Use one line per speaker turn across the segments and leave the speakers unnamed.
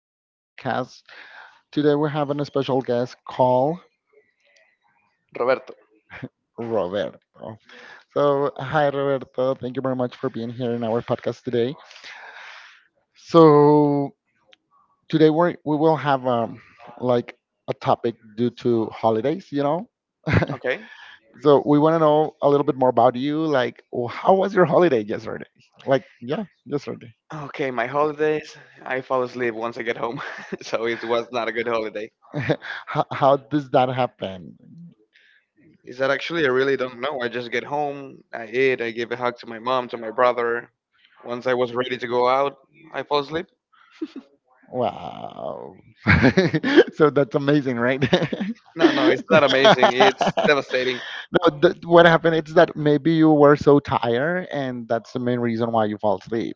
this podcast. Today, we are having a special guest called
Roberto.
Roberto. So, hi, Roberto. Thank you very much for being here in our podcast today. So, today we will have like a topic due to holidays.
Okay.
So, we want to know a little bit more about you. Like, how was your holiday yesterday? Like, yeah, yesterday.
Okay, my holidays. I fall asleep once I get home, so it was not a good holiday.
How does that happen?
Is that actually I really don't know. I just get home, I eat, I give a hug to my mom, to my brother. Once I was ready to go out, I fall asleep.
Wow. So that's amazing, right?
No, no, it's not amazing. It's devastating.
No, what happened is that maybe you were so tired, and that's the main reason why you fall asleep.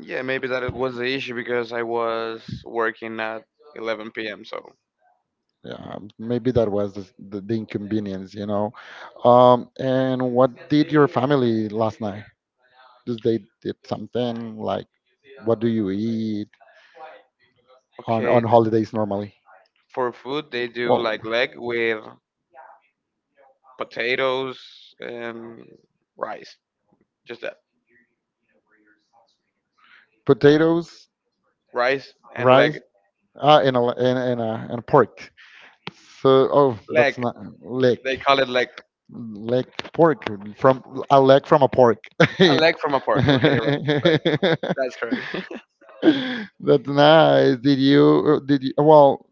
Yeah, maybe that it was the issue because I was working at 11 p.m. So
Yeah, maybe that was the inconvenience. And what did your family last night? Did they did something like what do you eat on
okay,
on holidays normally?
for food they do
Well,
like leg with potatoes and rice. Just that.
potatoes,
Rice and leg.
rice, and a l- and a, and pork. So that's
Leg.
not leg,
They call it leg.
leg pork from a leg from a pork.
A leg from a pork. Okay, right, right. That's correct.
That's nice. Did you? Well,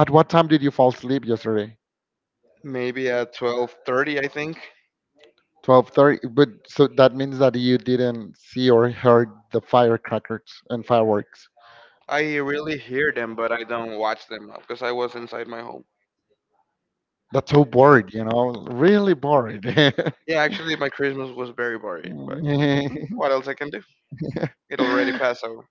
at what time did you fall asleep yesterday?
Maybe at 12:30, I think.
12:30. But so that means that you didn't see or heard the firecrackers and fireworks.
I really hear them, but I don't watch them because I was inside my home.
That's so bored, really bored.
Yeah, actually, my Christmas was very boring, but what else I can do? It already passed over.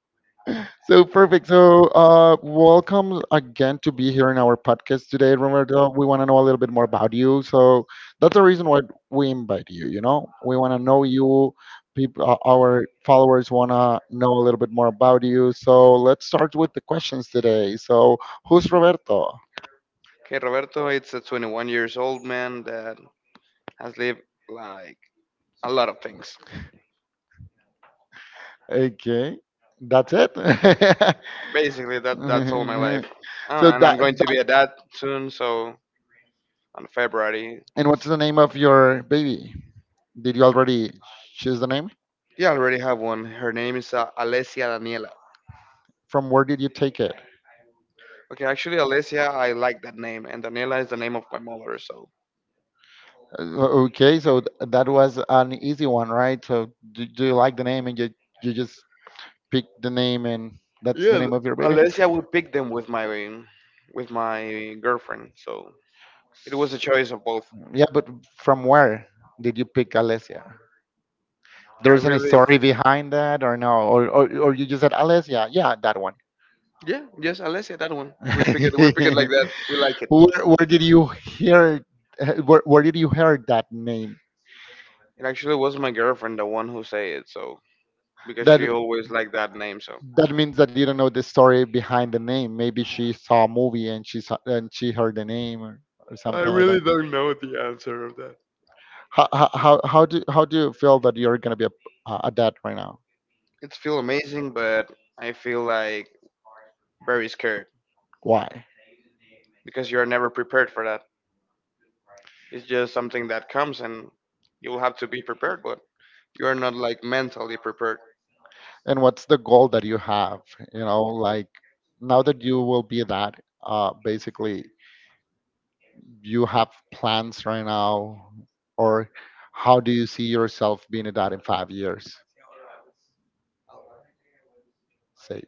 So perfect. So welcome again to be here in our podcast today, Roberto. We want to know a little bit more about you. So that's the reason why we invite you. You know, we want to know you. People, our followers want to know a little bit more about you. So let's start with the questions today. So who's Roberto?
Okay, Roberto, it's a 21 years old man that has lived like a lot of things.
Okay, that's it.
Basically, that's all my life. Uh,
So
and I'm going to be a dad soon, so on February.
and what's the name of your baby? Did you already? Choose the name.
Yeah, I already have one. Her name is Alessia Daniela.
From where did you take it?
Okay, actually, Alessia, I like that name, and Daniela is the name of my mother. So
Okay, so that was an easy one, right? So do you like the name and you just pick the name and that's the
yeah, th-
name of your baby?
Alessia would pick them with my girlfriend. So it was a choice of both.
Yeah, but from where did you pick Alessia?
I
There's any
really,
story behind that or no? Or you just said Alessia? Yeah, that one.
yeah, yes, Alessia, that one. We pick it, we pick it like that. We like it.
where, where did you hear where did you hear that name?
It actually was my girlfriend, the one who say it. So because she
That
always liked that name, so.
That means that you don't know the story behind the name. Maybe she saw a movie and she saw, and she heard the name or
I
something like
really
that.
don't know the answer of that.
How do you feel that you're gonna be a dad right now?
It feel amazing, but I feel like very scared
Why?
because you're never prepared for that. It's just something that comes and you'll have to be prepared, but you're not like mentally prepared.
And what's the goal that you have? You know, like now that you will be a dad, basically you have plans right now, or how do you see yourself being a dad in 5 years? Say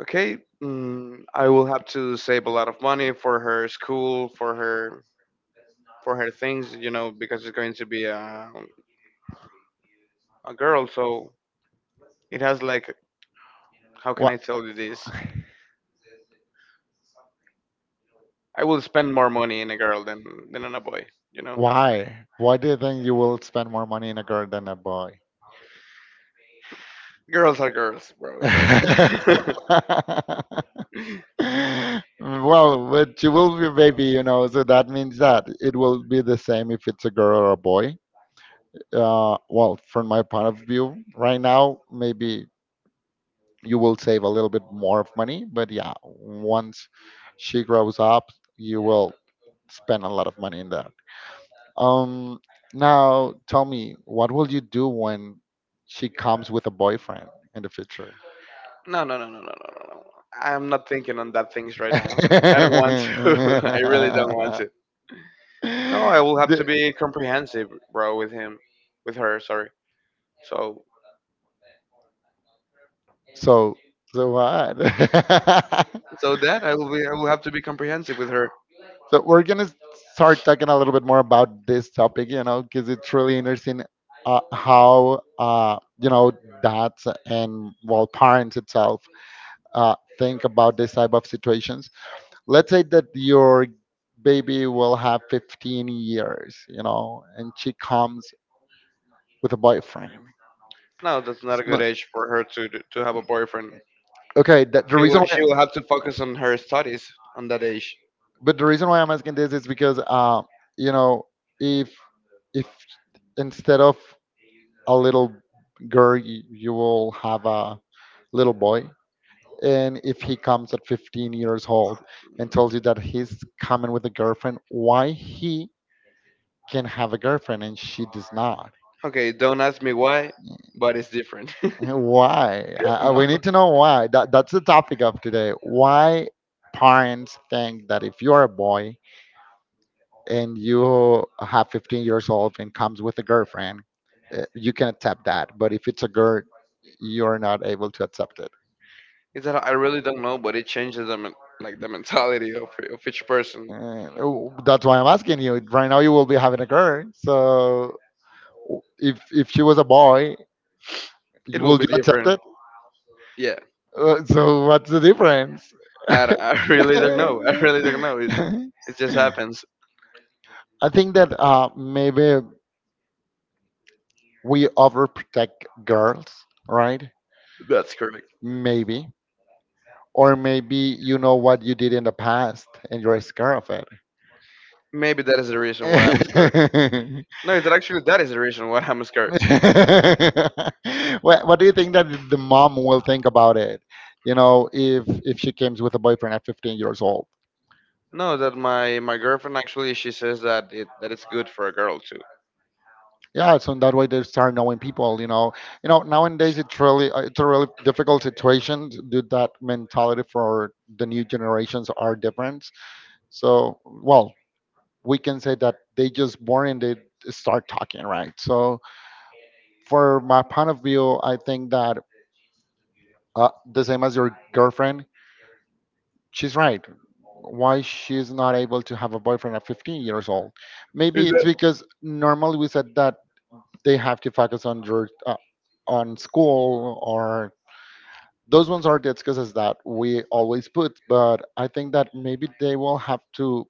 Okay, I will have to save a lot of money for her school, for her things, you know, because it's going to be a girl. So it has like, how can
what?
I tell you this? I will spend more money in a girl than on a boy. You know,
Why? Why do you think you will spend more money in a girl than a boy?
girls are girls, bro. So
Well, but you will be a baby, so that means that it will be the same if it's a girl or a boy. Well, from my point of view, right now, maybe you will save a little bit more of money, but yeah, once she grows up, you will spend a lot of money in the Um, now tell me, what will you do when she comes with a boyfriend in the future?
no, no, no, no, no, no, no, no. I'm not thinking on that things right now. I don't want to. I really don't want to. No, I will have to
The-
be comprehensive, bro, with him, with her. Sorry. So
so, so what?
so that I will be. I will have to be comprehensive with her.
So we're gonna start talking a little bit more about this because it's really interesting how dads and well parents itself think about this type of situations. Let's say that your baby will have 15 years, and she comes with a boyfriend.
No, that's not a
It's
good
not-
age for her to to have a boyfriend.
okay, that, the reason why,
She will have to focus on her studies on that age.
but the reason why I'm asking this is because, you know, if if instead of a little girl, you will have a little boy, and if he comes at 15 years old and tells you that he's coming with a girlfriend, why he can have a girlfriend and she does not?
Okay, don't ask me why, but it's different.
Why?
no,
We need to know why. That's the topic of today. Why parents think that if you're a boy and you have 15 years old and comes with a girlfriend, you can accept that. But if it's a girl, you're not able to accept it.
it's that I really don't know, but it changes the like the mentality of each person.
Oh, that's why I'm asking you. Right now, you will be having a girl, so if she was a boy,
It will
would
be
you accept
different.
it?
Yeah,
So what's the difference?
I really don't know. I really don't know. It just happens.
I think that maybe we overprotect girls, right?
That's correct.
Maybe. Or maybe you know what you did in the past and you're scared of it.
Maybe that is the reason why I'm scared. No, it's that actually that is the reason why I'm scared.
What do you think that the mom will think about it? You know, if she comes with a boyfriend at 15 years old,
No, that my girlfriend actually she says that it's good for a girl too.
yeah. So that way they start knowing people. Nowadays it's really it's a really difficult situation. Due that mentality for the new generations are different. So well, we can say that they just born and they start talking, right? So for my point of view, I think that the same as your girlfriend she's right. Why she's not able to have a boyfriend at 15 years old? Maybe
Is
it's
that
because normally we said that they have to focus on on school or those ones are the excuses that we always put. But I think that maybe they will have to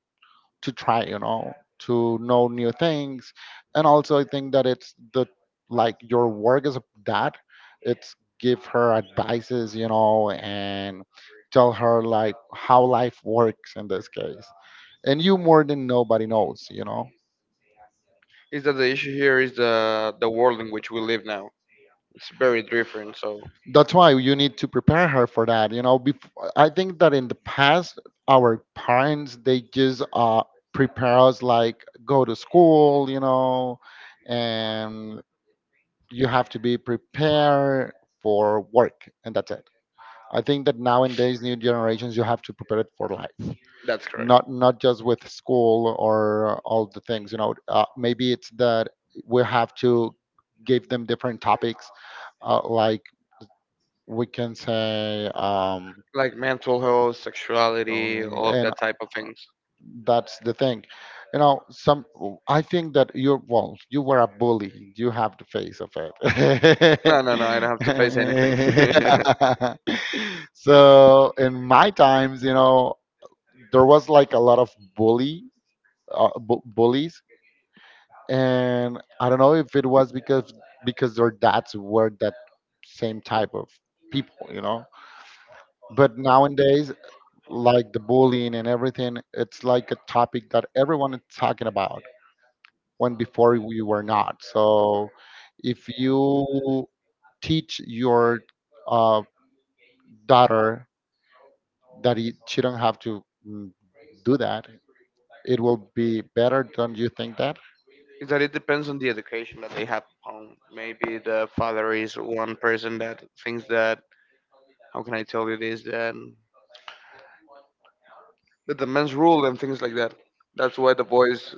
to try, to know new things. And also, I think that it's the like your work as a dad it's give her advices, and tell her like how life works in this case and you more than nobody knows.
is that the issue here is the world in which we live now. It's very different. So
That's why you need to prepare her for that I think that in the past our parents they just prepare us like go to school, and you have to be prepared for work and that's it. I think that nowadays new generations you have to prepare it for life,
that's correct.
not just with school or all the things. You know, maybe it's that we have to give them different topics, like we can say,
Like mental health, sexuality, all of
and
that type of things.
that's the thing. You know, some I think that you're well, you were a bully. You have the face of it.
No, no, no. I don't have to face anything.
So in my there was like a lot of bully bullies and I don't know if it was because their dads were that same type of people. But nowadays like the bullying and everything it's like a topic that everyone is talking about when before we were not so. If you teach your uh, daughter that she don't have to do that it will be better, don't you think that?
Is that it depends on the education that they have at home. Maybe the father is one person that thinks that, how can I tell you this, that the men's rule and things like that. That's why the boys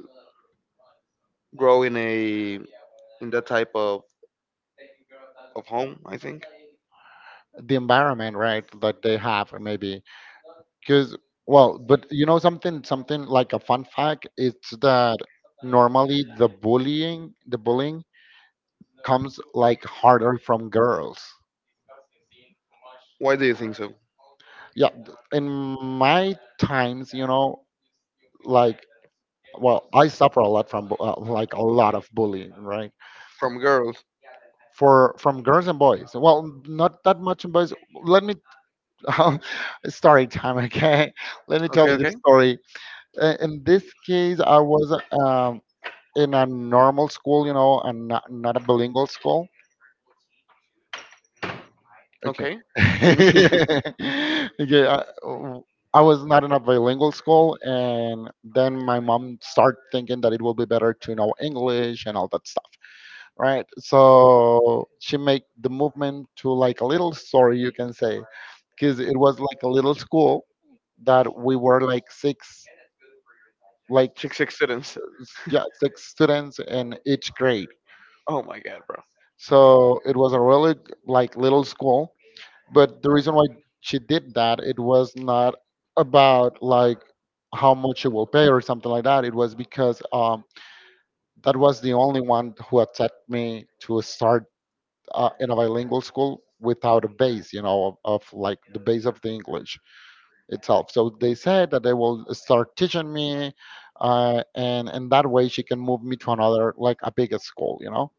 grow in a in that type of home. I think.
The environment right that they have, maybe because well, but you know something like a fun fact it's that normally the bullying comes like harder from girls.
Why do you think so?
Yeah, in my times, like well I suffer a lot from like a lot of bullying, right?
From girls.
For from girls and boys, well not that much in boys. Let me story time, okay, let me tell
Okay,
you the
okay,
story. In this case, I was in a normal school, you know, and not a bilingual school. Okay.
okay.
Okay. I, I was not in a bilingual school, and then my mom started thinking that it will be better to know English and all that stuff, right? So she made the movement to like a little story, you can say, because it was like a little school that we were like six, like
Six accidents.
s- yeah, six students in each grade.
Oh my god, bro.
So it was a really like little school. But the reason why she did that, it was not about like how much you will pay or something like that. It was because that was the only one who accepted me to start in a bilingual school without a base, of like the base of the English itself. So they said that they will start teaching me, and that way she can move me to another like a bigger school.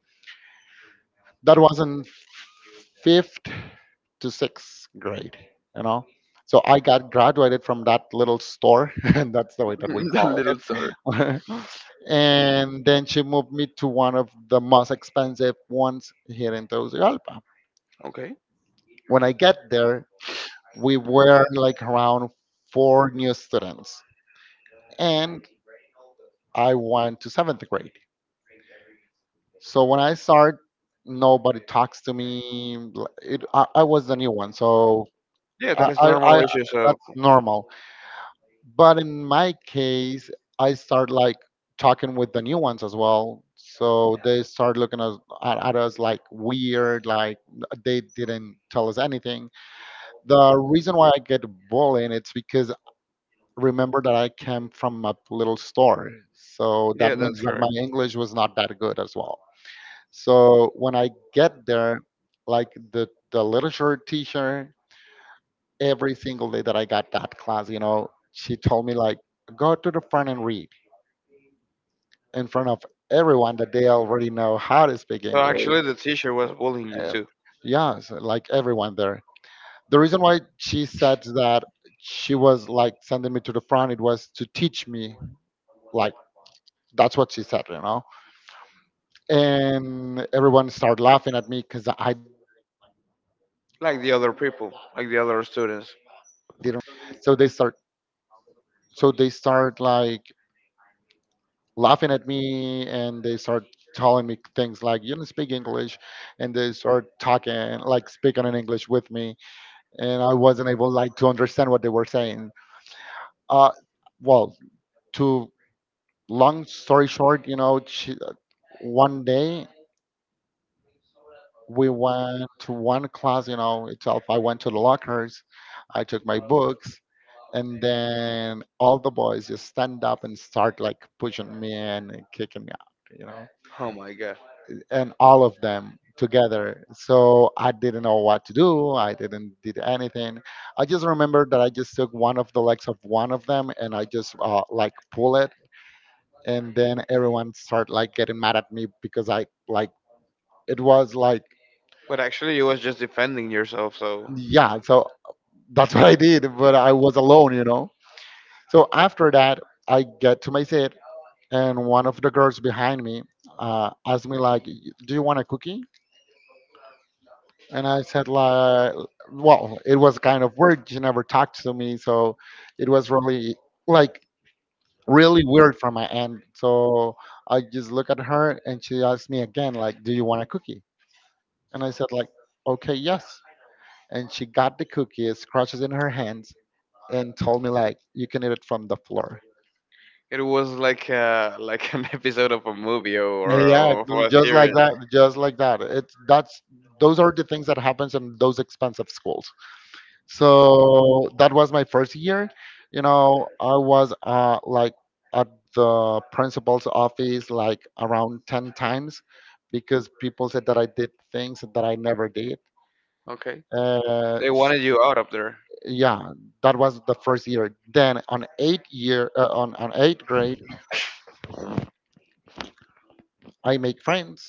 That was in fifth to sixth grade, you know. So I got graduated from that little store, and that's the way that we
the
call
little sir.
it. And then she moved me to one of the most expensive ones here in Tegucigalpa.
Okay.
When I get there, we were like around four new students, and I went to seventh grade. So when I start, nobody talks to me. I was the new one, so
Yeah, that is normal
I
issue. So
that's normal. But in my case, I start like talking with the new ones as well. So they start looking at us like weird, like they didn't tell us anything. The reason why I get bullied, it's because remember that I came from a little store. So that
yeah,
means
that's
that my
correct.
English was not that good as well. So when I get there, like the literature teacher, every single day that I got that class, you know, she told me like, go to the front and read in front of everyone that they already know how to speak
So
English.
actually, the teacher was bullying you
Uh,
too,
yeah, so, like everyone there. The reason why she said that she was like sending me to the front, it was to teach me. Like that's what she said, you know. And everyone started laughing at me because I didn't read like
like
well,
the
I
other
didn't read
people,
that
like the other
like
students.
yeah. So they start so they start like laughing at me, and they start telling me things like you don't speak english, and they start talking like speaking in english with me, and I wasn't able like to understand what they were saying. uh well, to long story short, she, one day we went to one class, itself, I went to the lockers, I took my books, and then all the boys just stand up and start like pushing me and kicking me out,
Oh my god.
and all of them together. So I didn't know what to do. I didn't did anything. I just remember that I just took one of the legs of one of them, and I just like pull it, and then everyone start like getting mad at me because I like it was like
But actually, you was just defending yourself. So
yeah. So that's what I did, but I was alone. So after that, I get to my seat, and one of the girls behind me asked me like, "Do you want a cookie?" And I said, like, well, it was kind of weird. She never talked to me, so it was really like really weird from my end. So I just look at her, and she asked me again, like, "Do you want a cookie?" And I said, like, "Okay, yes." And she got the cookies, crushes in her hands, and told me like, "You can eat it from the floor."
it was like an episode of a movie, or,
Yeah, yeah,
or of
was
a
just like
series.
that, just like that. It's that's Those are the things that happens in those expensive schools. So that was my first year. You know, I was like at the principal's office like around 10 times because people said that I did things that I never did.
Okay.
Uh,
They
s-
wanted you out of there.
yeah, that was the first year. Then on eighth year, on eighth grade, I make friends,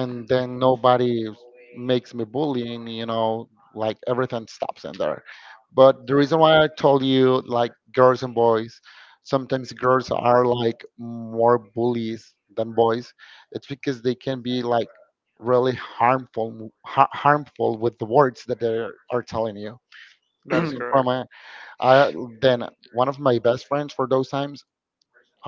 and then nobody makes me bullying, like everything stops in there. But the reason why I told you like girls and boys, sometimes girls are like more bullies than boys, it's because they can be like really harmful, harmful with the words that they are telling you.
That is
From
correct.
a, I, then one of my best friends for those times,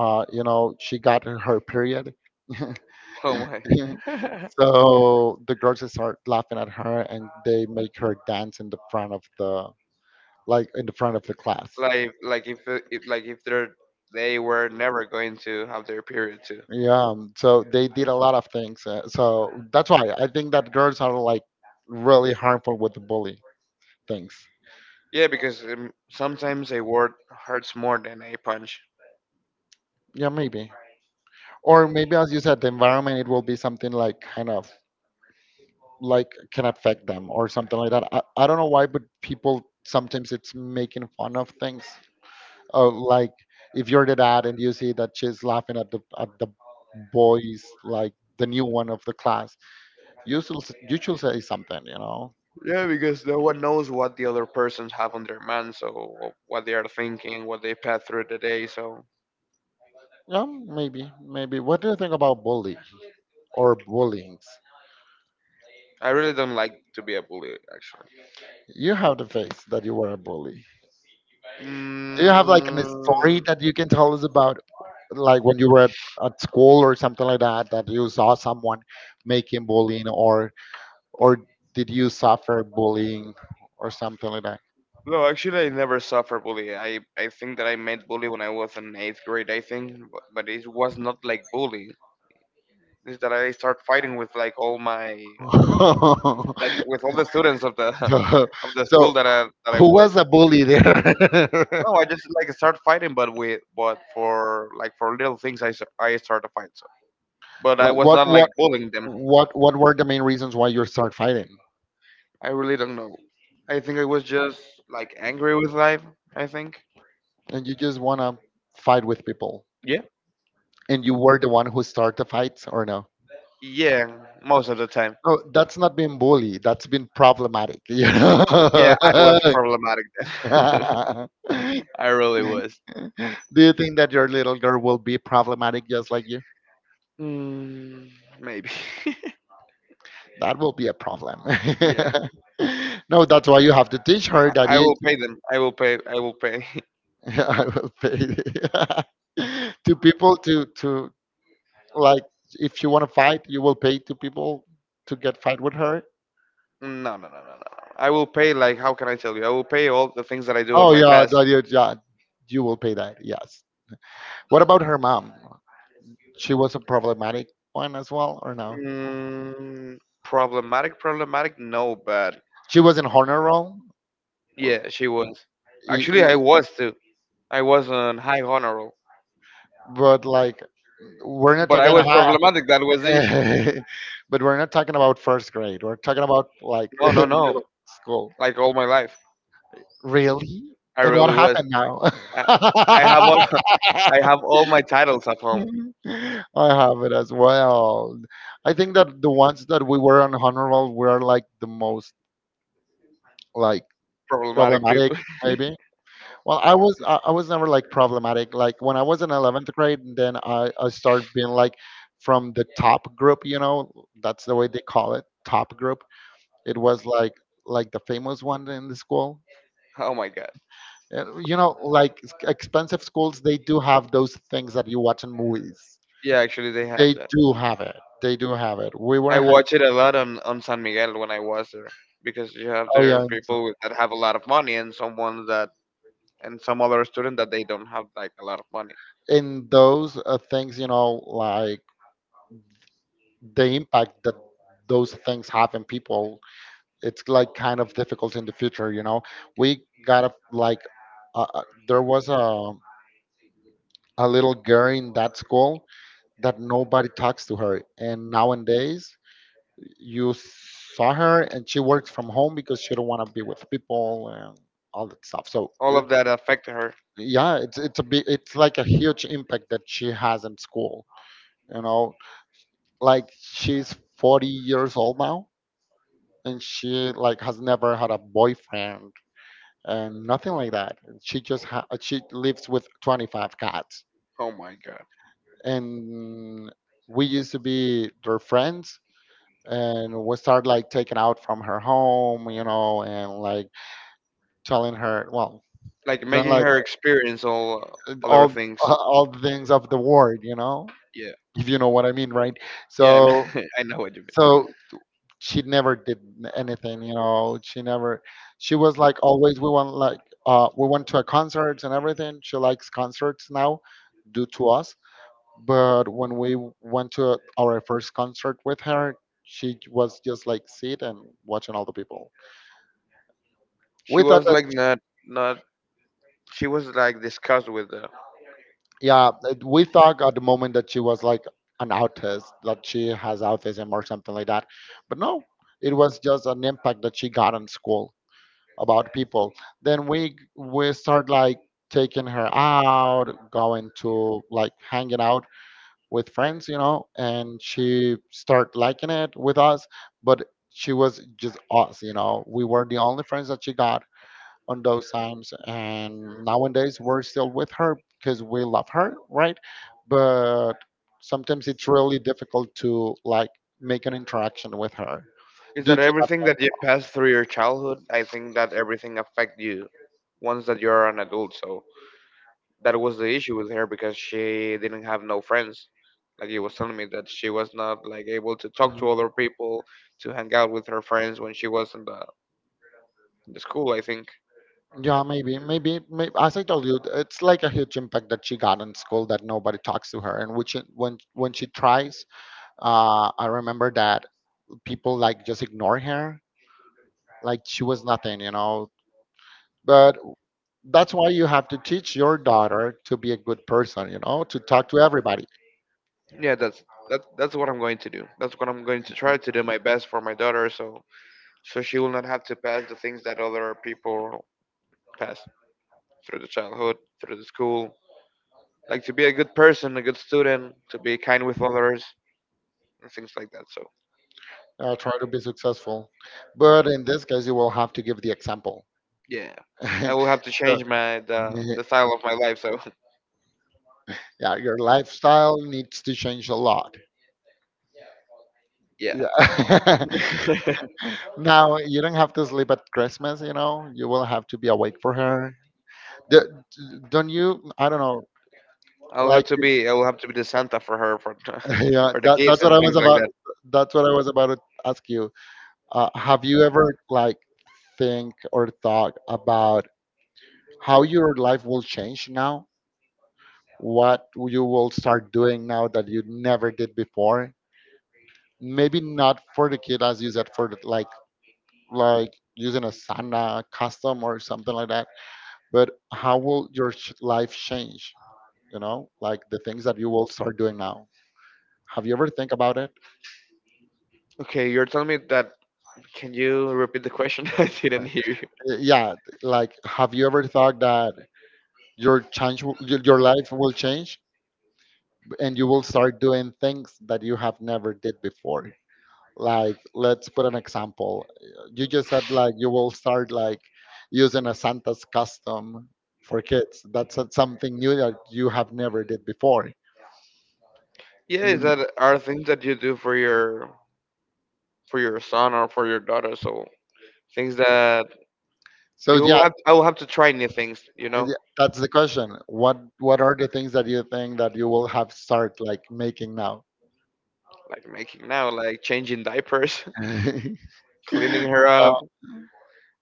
she got her period.
Oh my.
So the girls just start laughing at her, and they make her dance in the front of the like in the front of the class.
Like if they're they were never going to have their period too.
Yeah, so they did a lot of things. So that's why I think that girls are like really harmful with the bully things.
Yeah, because sometimes a word hurts more than a punch.
Yeah, maybe. Or maybe as you said, the environment it will be something like kind of like can affect them or something like that. I don't know why, but people sometimes it's making fun of things. Oh, like if you're the dad and you see that she's laughing at the boys, like the new one of the class, you should you should say something, you know.
Yeah, because no one knows what the other persons have on their mind, so what they are thinking, what they pass through the day. So
Yeah, maybe, maybe. What do you think about bully or bullyings?
I really don't like to be a bully, actually.
You have the face that you were a bully. Do
Mm,
you have like a story that you can tell us about, like when you were at school or something like that, that you saw someone making bullying, or did you suffer bullying or something like that?
no, actually, I never suffer bully. I think that I met bully when I was in 8th grade, I think, but it was not like bully. It's that I start fighting with like all my like with all the students of the
So,
of the
so,
school that I
who
was.
was the bully there?
No, I just like start fighting, but with but for like for little things, I start to fight. So, but I
Like
was
what
not like
what
bullying them.
what what were the main reasons why you start fighting?
I really don't know. I think I was just like angry with life. I think.
And you just wanna fight with people.
Yeah.
And you were the one who started the fights or no?
Yeah, most of the time.
Oh, that's not being bully. That's been problematic. You know?
Yeah, I was problematic. Then. I really was.
Do you think that your little girl will be problematic just like you?
mm, maybe.
That will be a problem.
yeah,
No, that's why you have to teach her that
I will
you
pay them. I will pay.
I will pay two people to like if you want to fight, you will pay two people to get fight with her.
no, no, no, no, no. I will pay. Like, how can I tell you? I will pay all the things that I do in
Oh
my
yeah,
past.
no, yeah, yeah, you will pay that. Yes. What about her mom? She was a problematic one as well, or no?
Mm, problematic, problematic. No, but
She was in honor roll, uh,
yeah, she was.
i-
Actually, I
i-
was too. I was on high honor.
but like we're not
But I
talking
was
high,
problematic. That was the issue.
but we're not talking about first grade. We're talking about like
No, no,
middle
no.
school.
Like all my life,
Really?
I
And what
really was.
happened now?
I, I have all, I have all my titles at home.
I have it as well. I think that the ones that we were unhonorable were like the most like
Problematic
problematic,
people.
maybe. Well, I was never like problematic. Like when I was in 11th grade, then I started being like from the top group. You know, that's the way they call it, top group. It was like the famous one in the school.
Oh my god.
You know, like expensive schools, they do have those things that you watch in movies.
Yeah, actually, they have
They
that.
do have it. They do have it. We
I
were having,
watch it a lot on San Miguel when I was there because you have
oh
there
yeah,
people with, that have a lot of money and someone that and some other student that they don't have like a lot of money.
in those things, you know, like the impact that those things have in people, it's like kind of difficult in the future. We got to like, uh, uh, there was a little girl in that school that nobody talks to her. And nowadays, you saw her and she works from home because she don't want to be with people and all that stuff, so
All of that affected her.
yeah, it's like a huge impact that she has in school, you know, like she's 40 years old now, and she like has never had a boyfriend and nothing like that. She just she lives with 25 cats.
Oh my god.
And we used to be their friends, and we started like taking out from her home, and like telling her, well,
Like
don't
making
like
her experience all other
all
things.
all the things of the world,
Yeah,
if you know what I mean, right?
yeah,
So
I know what you mean.
so she never did anything. She never. She was like always. We want like We went to a concert and everything. She likes concerts now, due to us. But when we went to our first concert with her, she was just like sit and watching all the people.
She
We thought
was like not not. She was like discussed with the.
Yeah, we thought at the moment that she was like an autist, that she has autism or something like that. But no, it was just an impact that she got in school about people. Then we start like taking her out, going to like hanging out with friends, and she start liking it with us, but she was just us. We were the only friends that she got on those times. And nowadays, we're still with her because we love her, right? But sometimes it's really difficult to like make an interaction with her
Is
due
that
to that.
everything that you pass through your childhood? I think that everything affect you once that you're an adult. So that was the issue with her because she didn't have no friends. Like he was telling me that she was not like able to talk to
Mhm.
other people, to hang out with her friends when she was in the school, I think.
Yeah, maybe, maybe, maybe. As I told you, it's like a huge impact that she got in school that nobody talks to her, and which when she tries, I remember that people like just ignore her, like she was nothing. But that's why you have to teach your daughter to be a good person, to talk to everybody,
Yeah, that's that. That's what I'm going to do. That's what I'm going to try to do my best for my daughter, so so she will not have to pass the things that other people pass through the childhood, through the school. Like to be a good person, a good student, to be kind with others, and things like that. So
try to be successful. But in this case, you will have to give the example.
yeah, I will have to
So,
change my the style of my life. So
yeah, your lifestyle needs to change a lot.
yeah,
Yeah. Now you don't have to sleep at Christmas, you know. You will have to be awake for her. D- Don't you? I don't know. Like,
I will have to be the Santa for her for
yeah,
for the gifts
that's what
and
I was
things like.
about. That's what I was about to ask you. Have you ever like think or thought about how your life will change now? What you will start doing now that you never did before? Maybe not for the kid as you said for the, like using a sana custom or something like that, but how will your life change? You know, like the things that you will start doing now. Have you ever think about it?
Okay, you're telling me that. Can you repeat the question? I didn't hear you.
Yeah, like have you ever thought that your your life will change? And you will start doing things that you have never did before. Like let's put an example. You just said like you will start like using a Santa's custom for kids. That's something new that you have never did before.
Yeah, is
Mm.
that are things that you do for your son or for your daughter? So things that
So yeah,
I will have to try new things. You
yeah,
know,
that's the question. What are the things that you think that you will have start like making now?
like making now, like changing diapers, cleaning her
Uh,
up.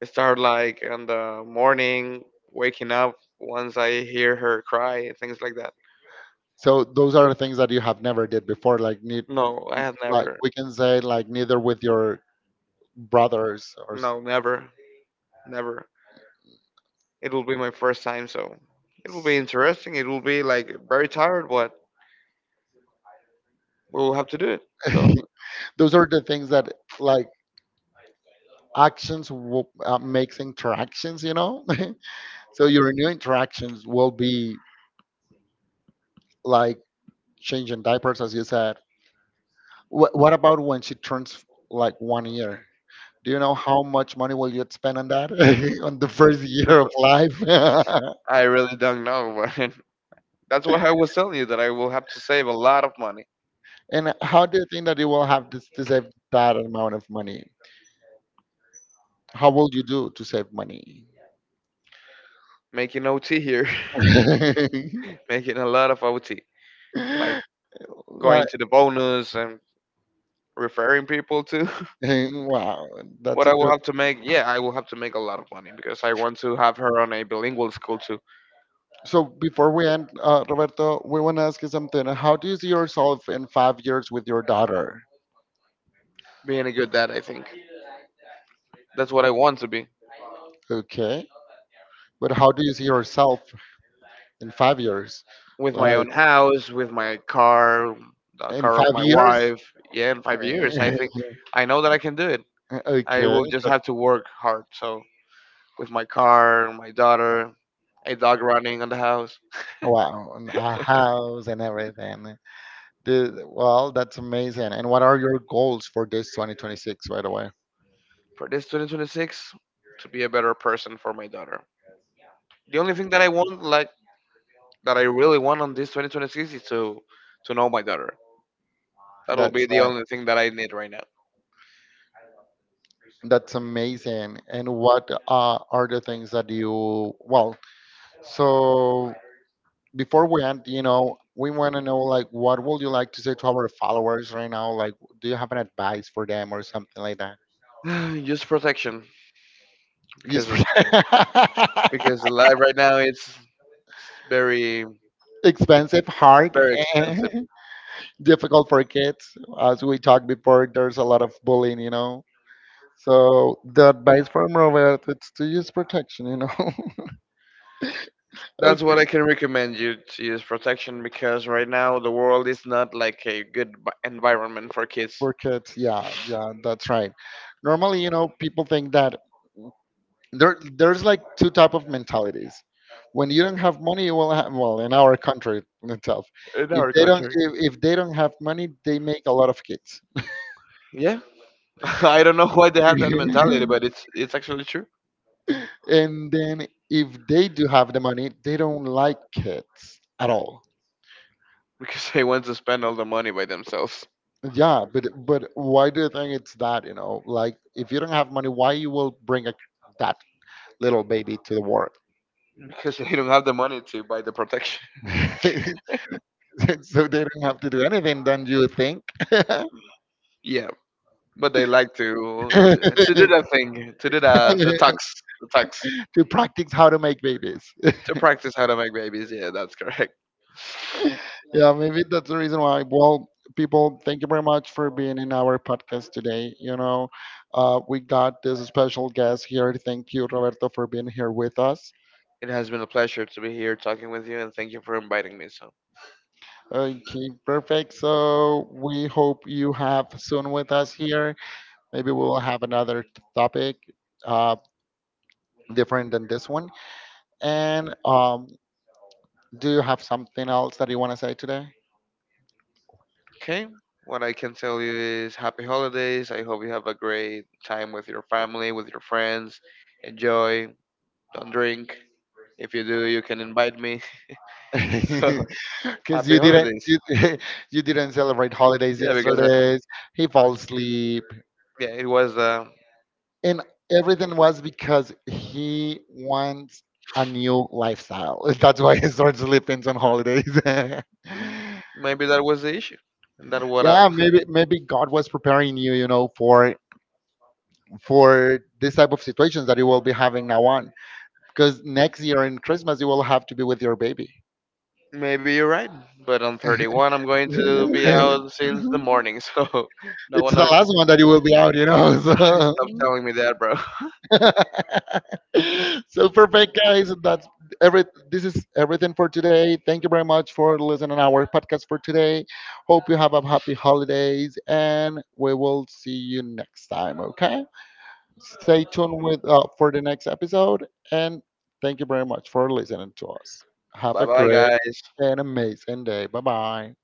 I start like in the morning, waking up once I hear her cry, things like that.
so those are the things that you have never did before. Like need,
No, I have
like
never.
we can say like, neither with your brothers or
No, never, never. It will be my first time, so it will be interesting. It will be like very tired, but we'll have to do it. So
those are the things that like actions will, makes interactions, you know? So your new interactions will be like changing diapers, as you said. What about when she turns like 1 year? Do you know how much money will you spend on that, on the first year of life?
I really don't know, but that's what I was telling you that I will have to save a lot of money
And how do you think that you will have this, to save that amount of money? How will you do to save money?
making OT here, making a lot of OT, like going
Like,
to the bonus and referring people to
wow, that's
what
a
I will
good.
have to make. Yeah, I will have to make a lot of money because I want to have her on a bilingual school to
So before we end, Roberto, we want to ask you something. How do you see yourself in 5 years with your daughter?
being a good dad. I think that's what I want to be.
Okay. But how do you see yourself in 5 years?
With my
Like
own house, with my car, the
in
car of
five
my
years?
wife. Yeah, in 5 years, I think I know that I can do it. I
Okay.
will just have to work hard. So, with my car, my daughter, a dog running on the house,
Wow, and a house and everything. Well, that's amazing. And what are your goals for this 2026, right away?
for this 2026, to be a better person for my daughter. The only thing that I want, like that I really want on this 2026, is to know my daughter. That will
That's
be the
like,
only thing that I need right
that's amazing. And what, are the things that you well? So before we end, you know, we want to know like what would you like to say to our followers right now? Like, do you have an advice for them or something like that?
now. Just protection,
Yes.
because life right now it's... It's very
Expensive, hard,
very expensive.
difficult for kids. As we talked before, there's a lot of bullying, you know. So the advice from Robert is to use protection,
That's
Okay.
what I can recommend you, to use protection because right now the world is not like a good environment for kids
For kids, yeah, yeah, that's right. Normally, you know, people think that there's like two type of mentalities. When you don't have money you will have, well, in our country itself,
in
if
our
they don't,
country.
if they don't have money they make a lot of kids.
Yeah, I don't know why they have that mentality, but it's actually true
And then if they do have the money they don't like kids at all.
because they want to spend all the money by themselves
Yeah, but why do you think it's that, you know, like if you don't have money why you will bring a, that little baby to the world?
because they don't have the money to buy the protection.
So they don't have to do anything, don't you think?
Yeah, but they like to to do that thing, to do the tucks,
To practice how to make babies.
to practice how to make babies. Yeah, that's correct.
Yeah, maybe that's the reason why. Well, people, thank you very much for being in our podcast today. You know, we got this special guest here. Thank you, Roberto, for being here with us.
It has been a pleasure to be here talking with you, and thank you for inviting me. So,
Okay, perfect. So we hope you have soon with us here. Maybe we'll have another topic, uh, different than this one. And do you have something else that you want to say today?
okay, what I can tell you is happy holidays. I hope you have a great time with your family, with your friends. Enjoy. Don't drink. If you do, you can invite me. So,
Because
happy
you didn't
holidays.
you, you didn't celebrate holidays
Yeah, because I,
yesterday. He fell asleep,
yeah, it was
and everything was because he wants a new lifestyle. That's why he starts sleeping on holidays. Yeah,
mm, maybe that was the issue, and that what I,
maybe maybe God was preparing you, you know, for this type of situations that you will be having now on. Because next year in Christmas you will have to be with your baby.
maybe you're right. But on 31, I'm going to be
It's
out since the morning, so no
the
one.
last one that you will be out, you know.
Stop
So.
telling me that, bro.
So perfect, guys. That's every. This is everything for today. Thank you very much for listening to our podcast for today. Hope you have a happy holidays, and we will see you next time. Okay. Stay tuned with, for the next episode, and thank you very much for listening to us. Have
Bye
a
bye,
great
guys.
and amazing day. Bye bye.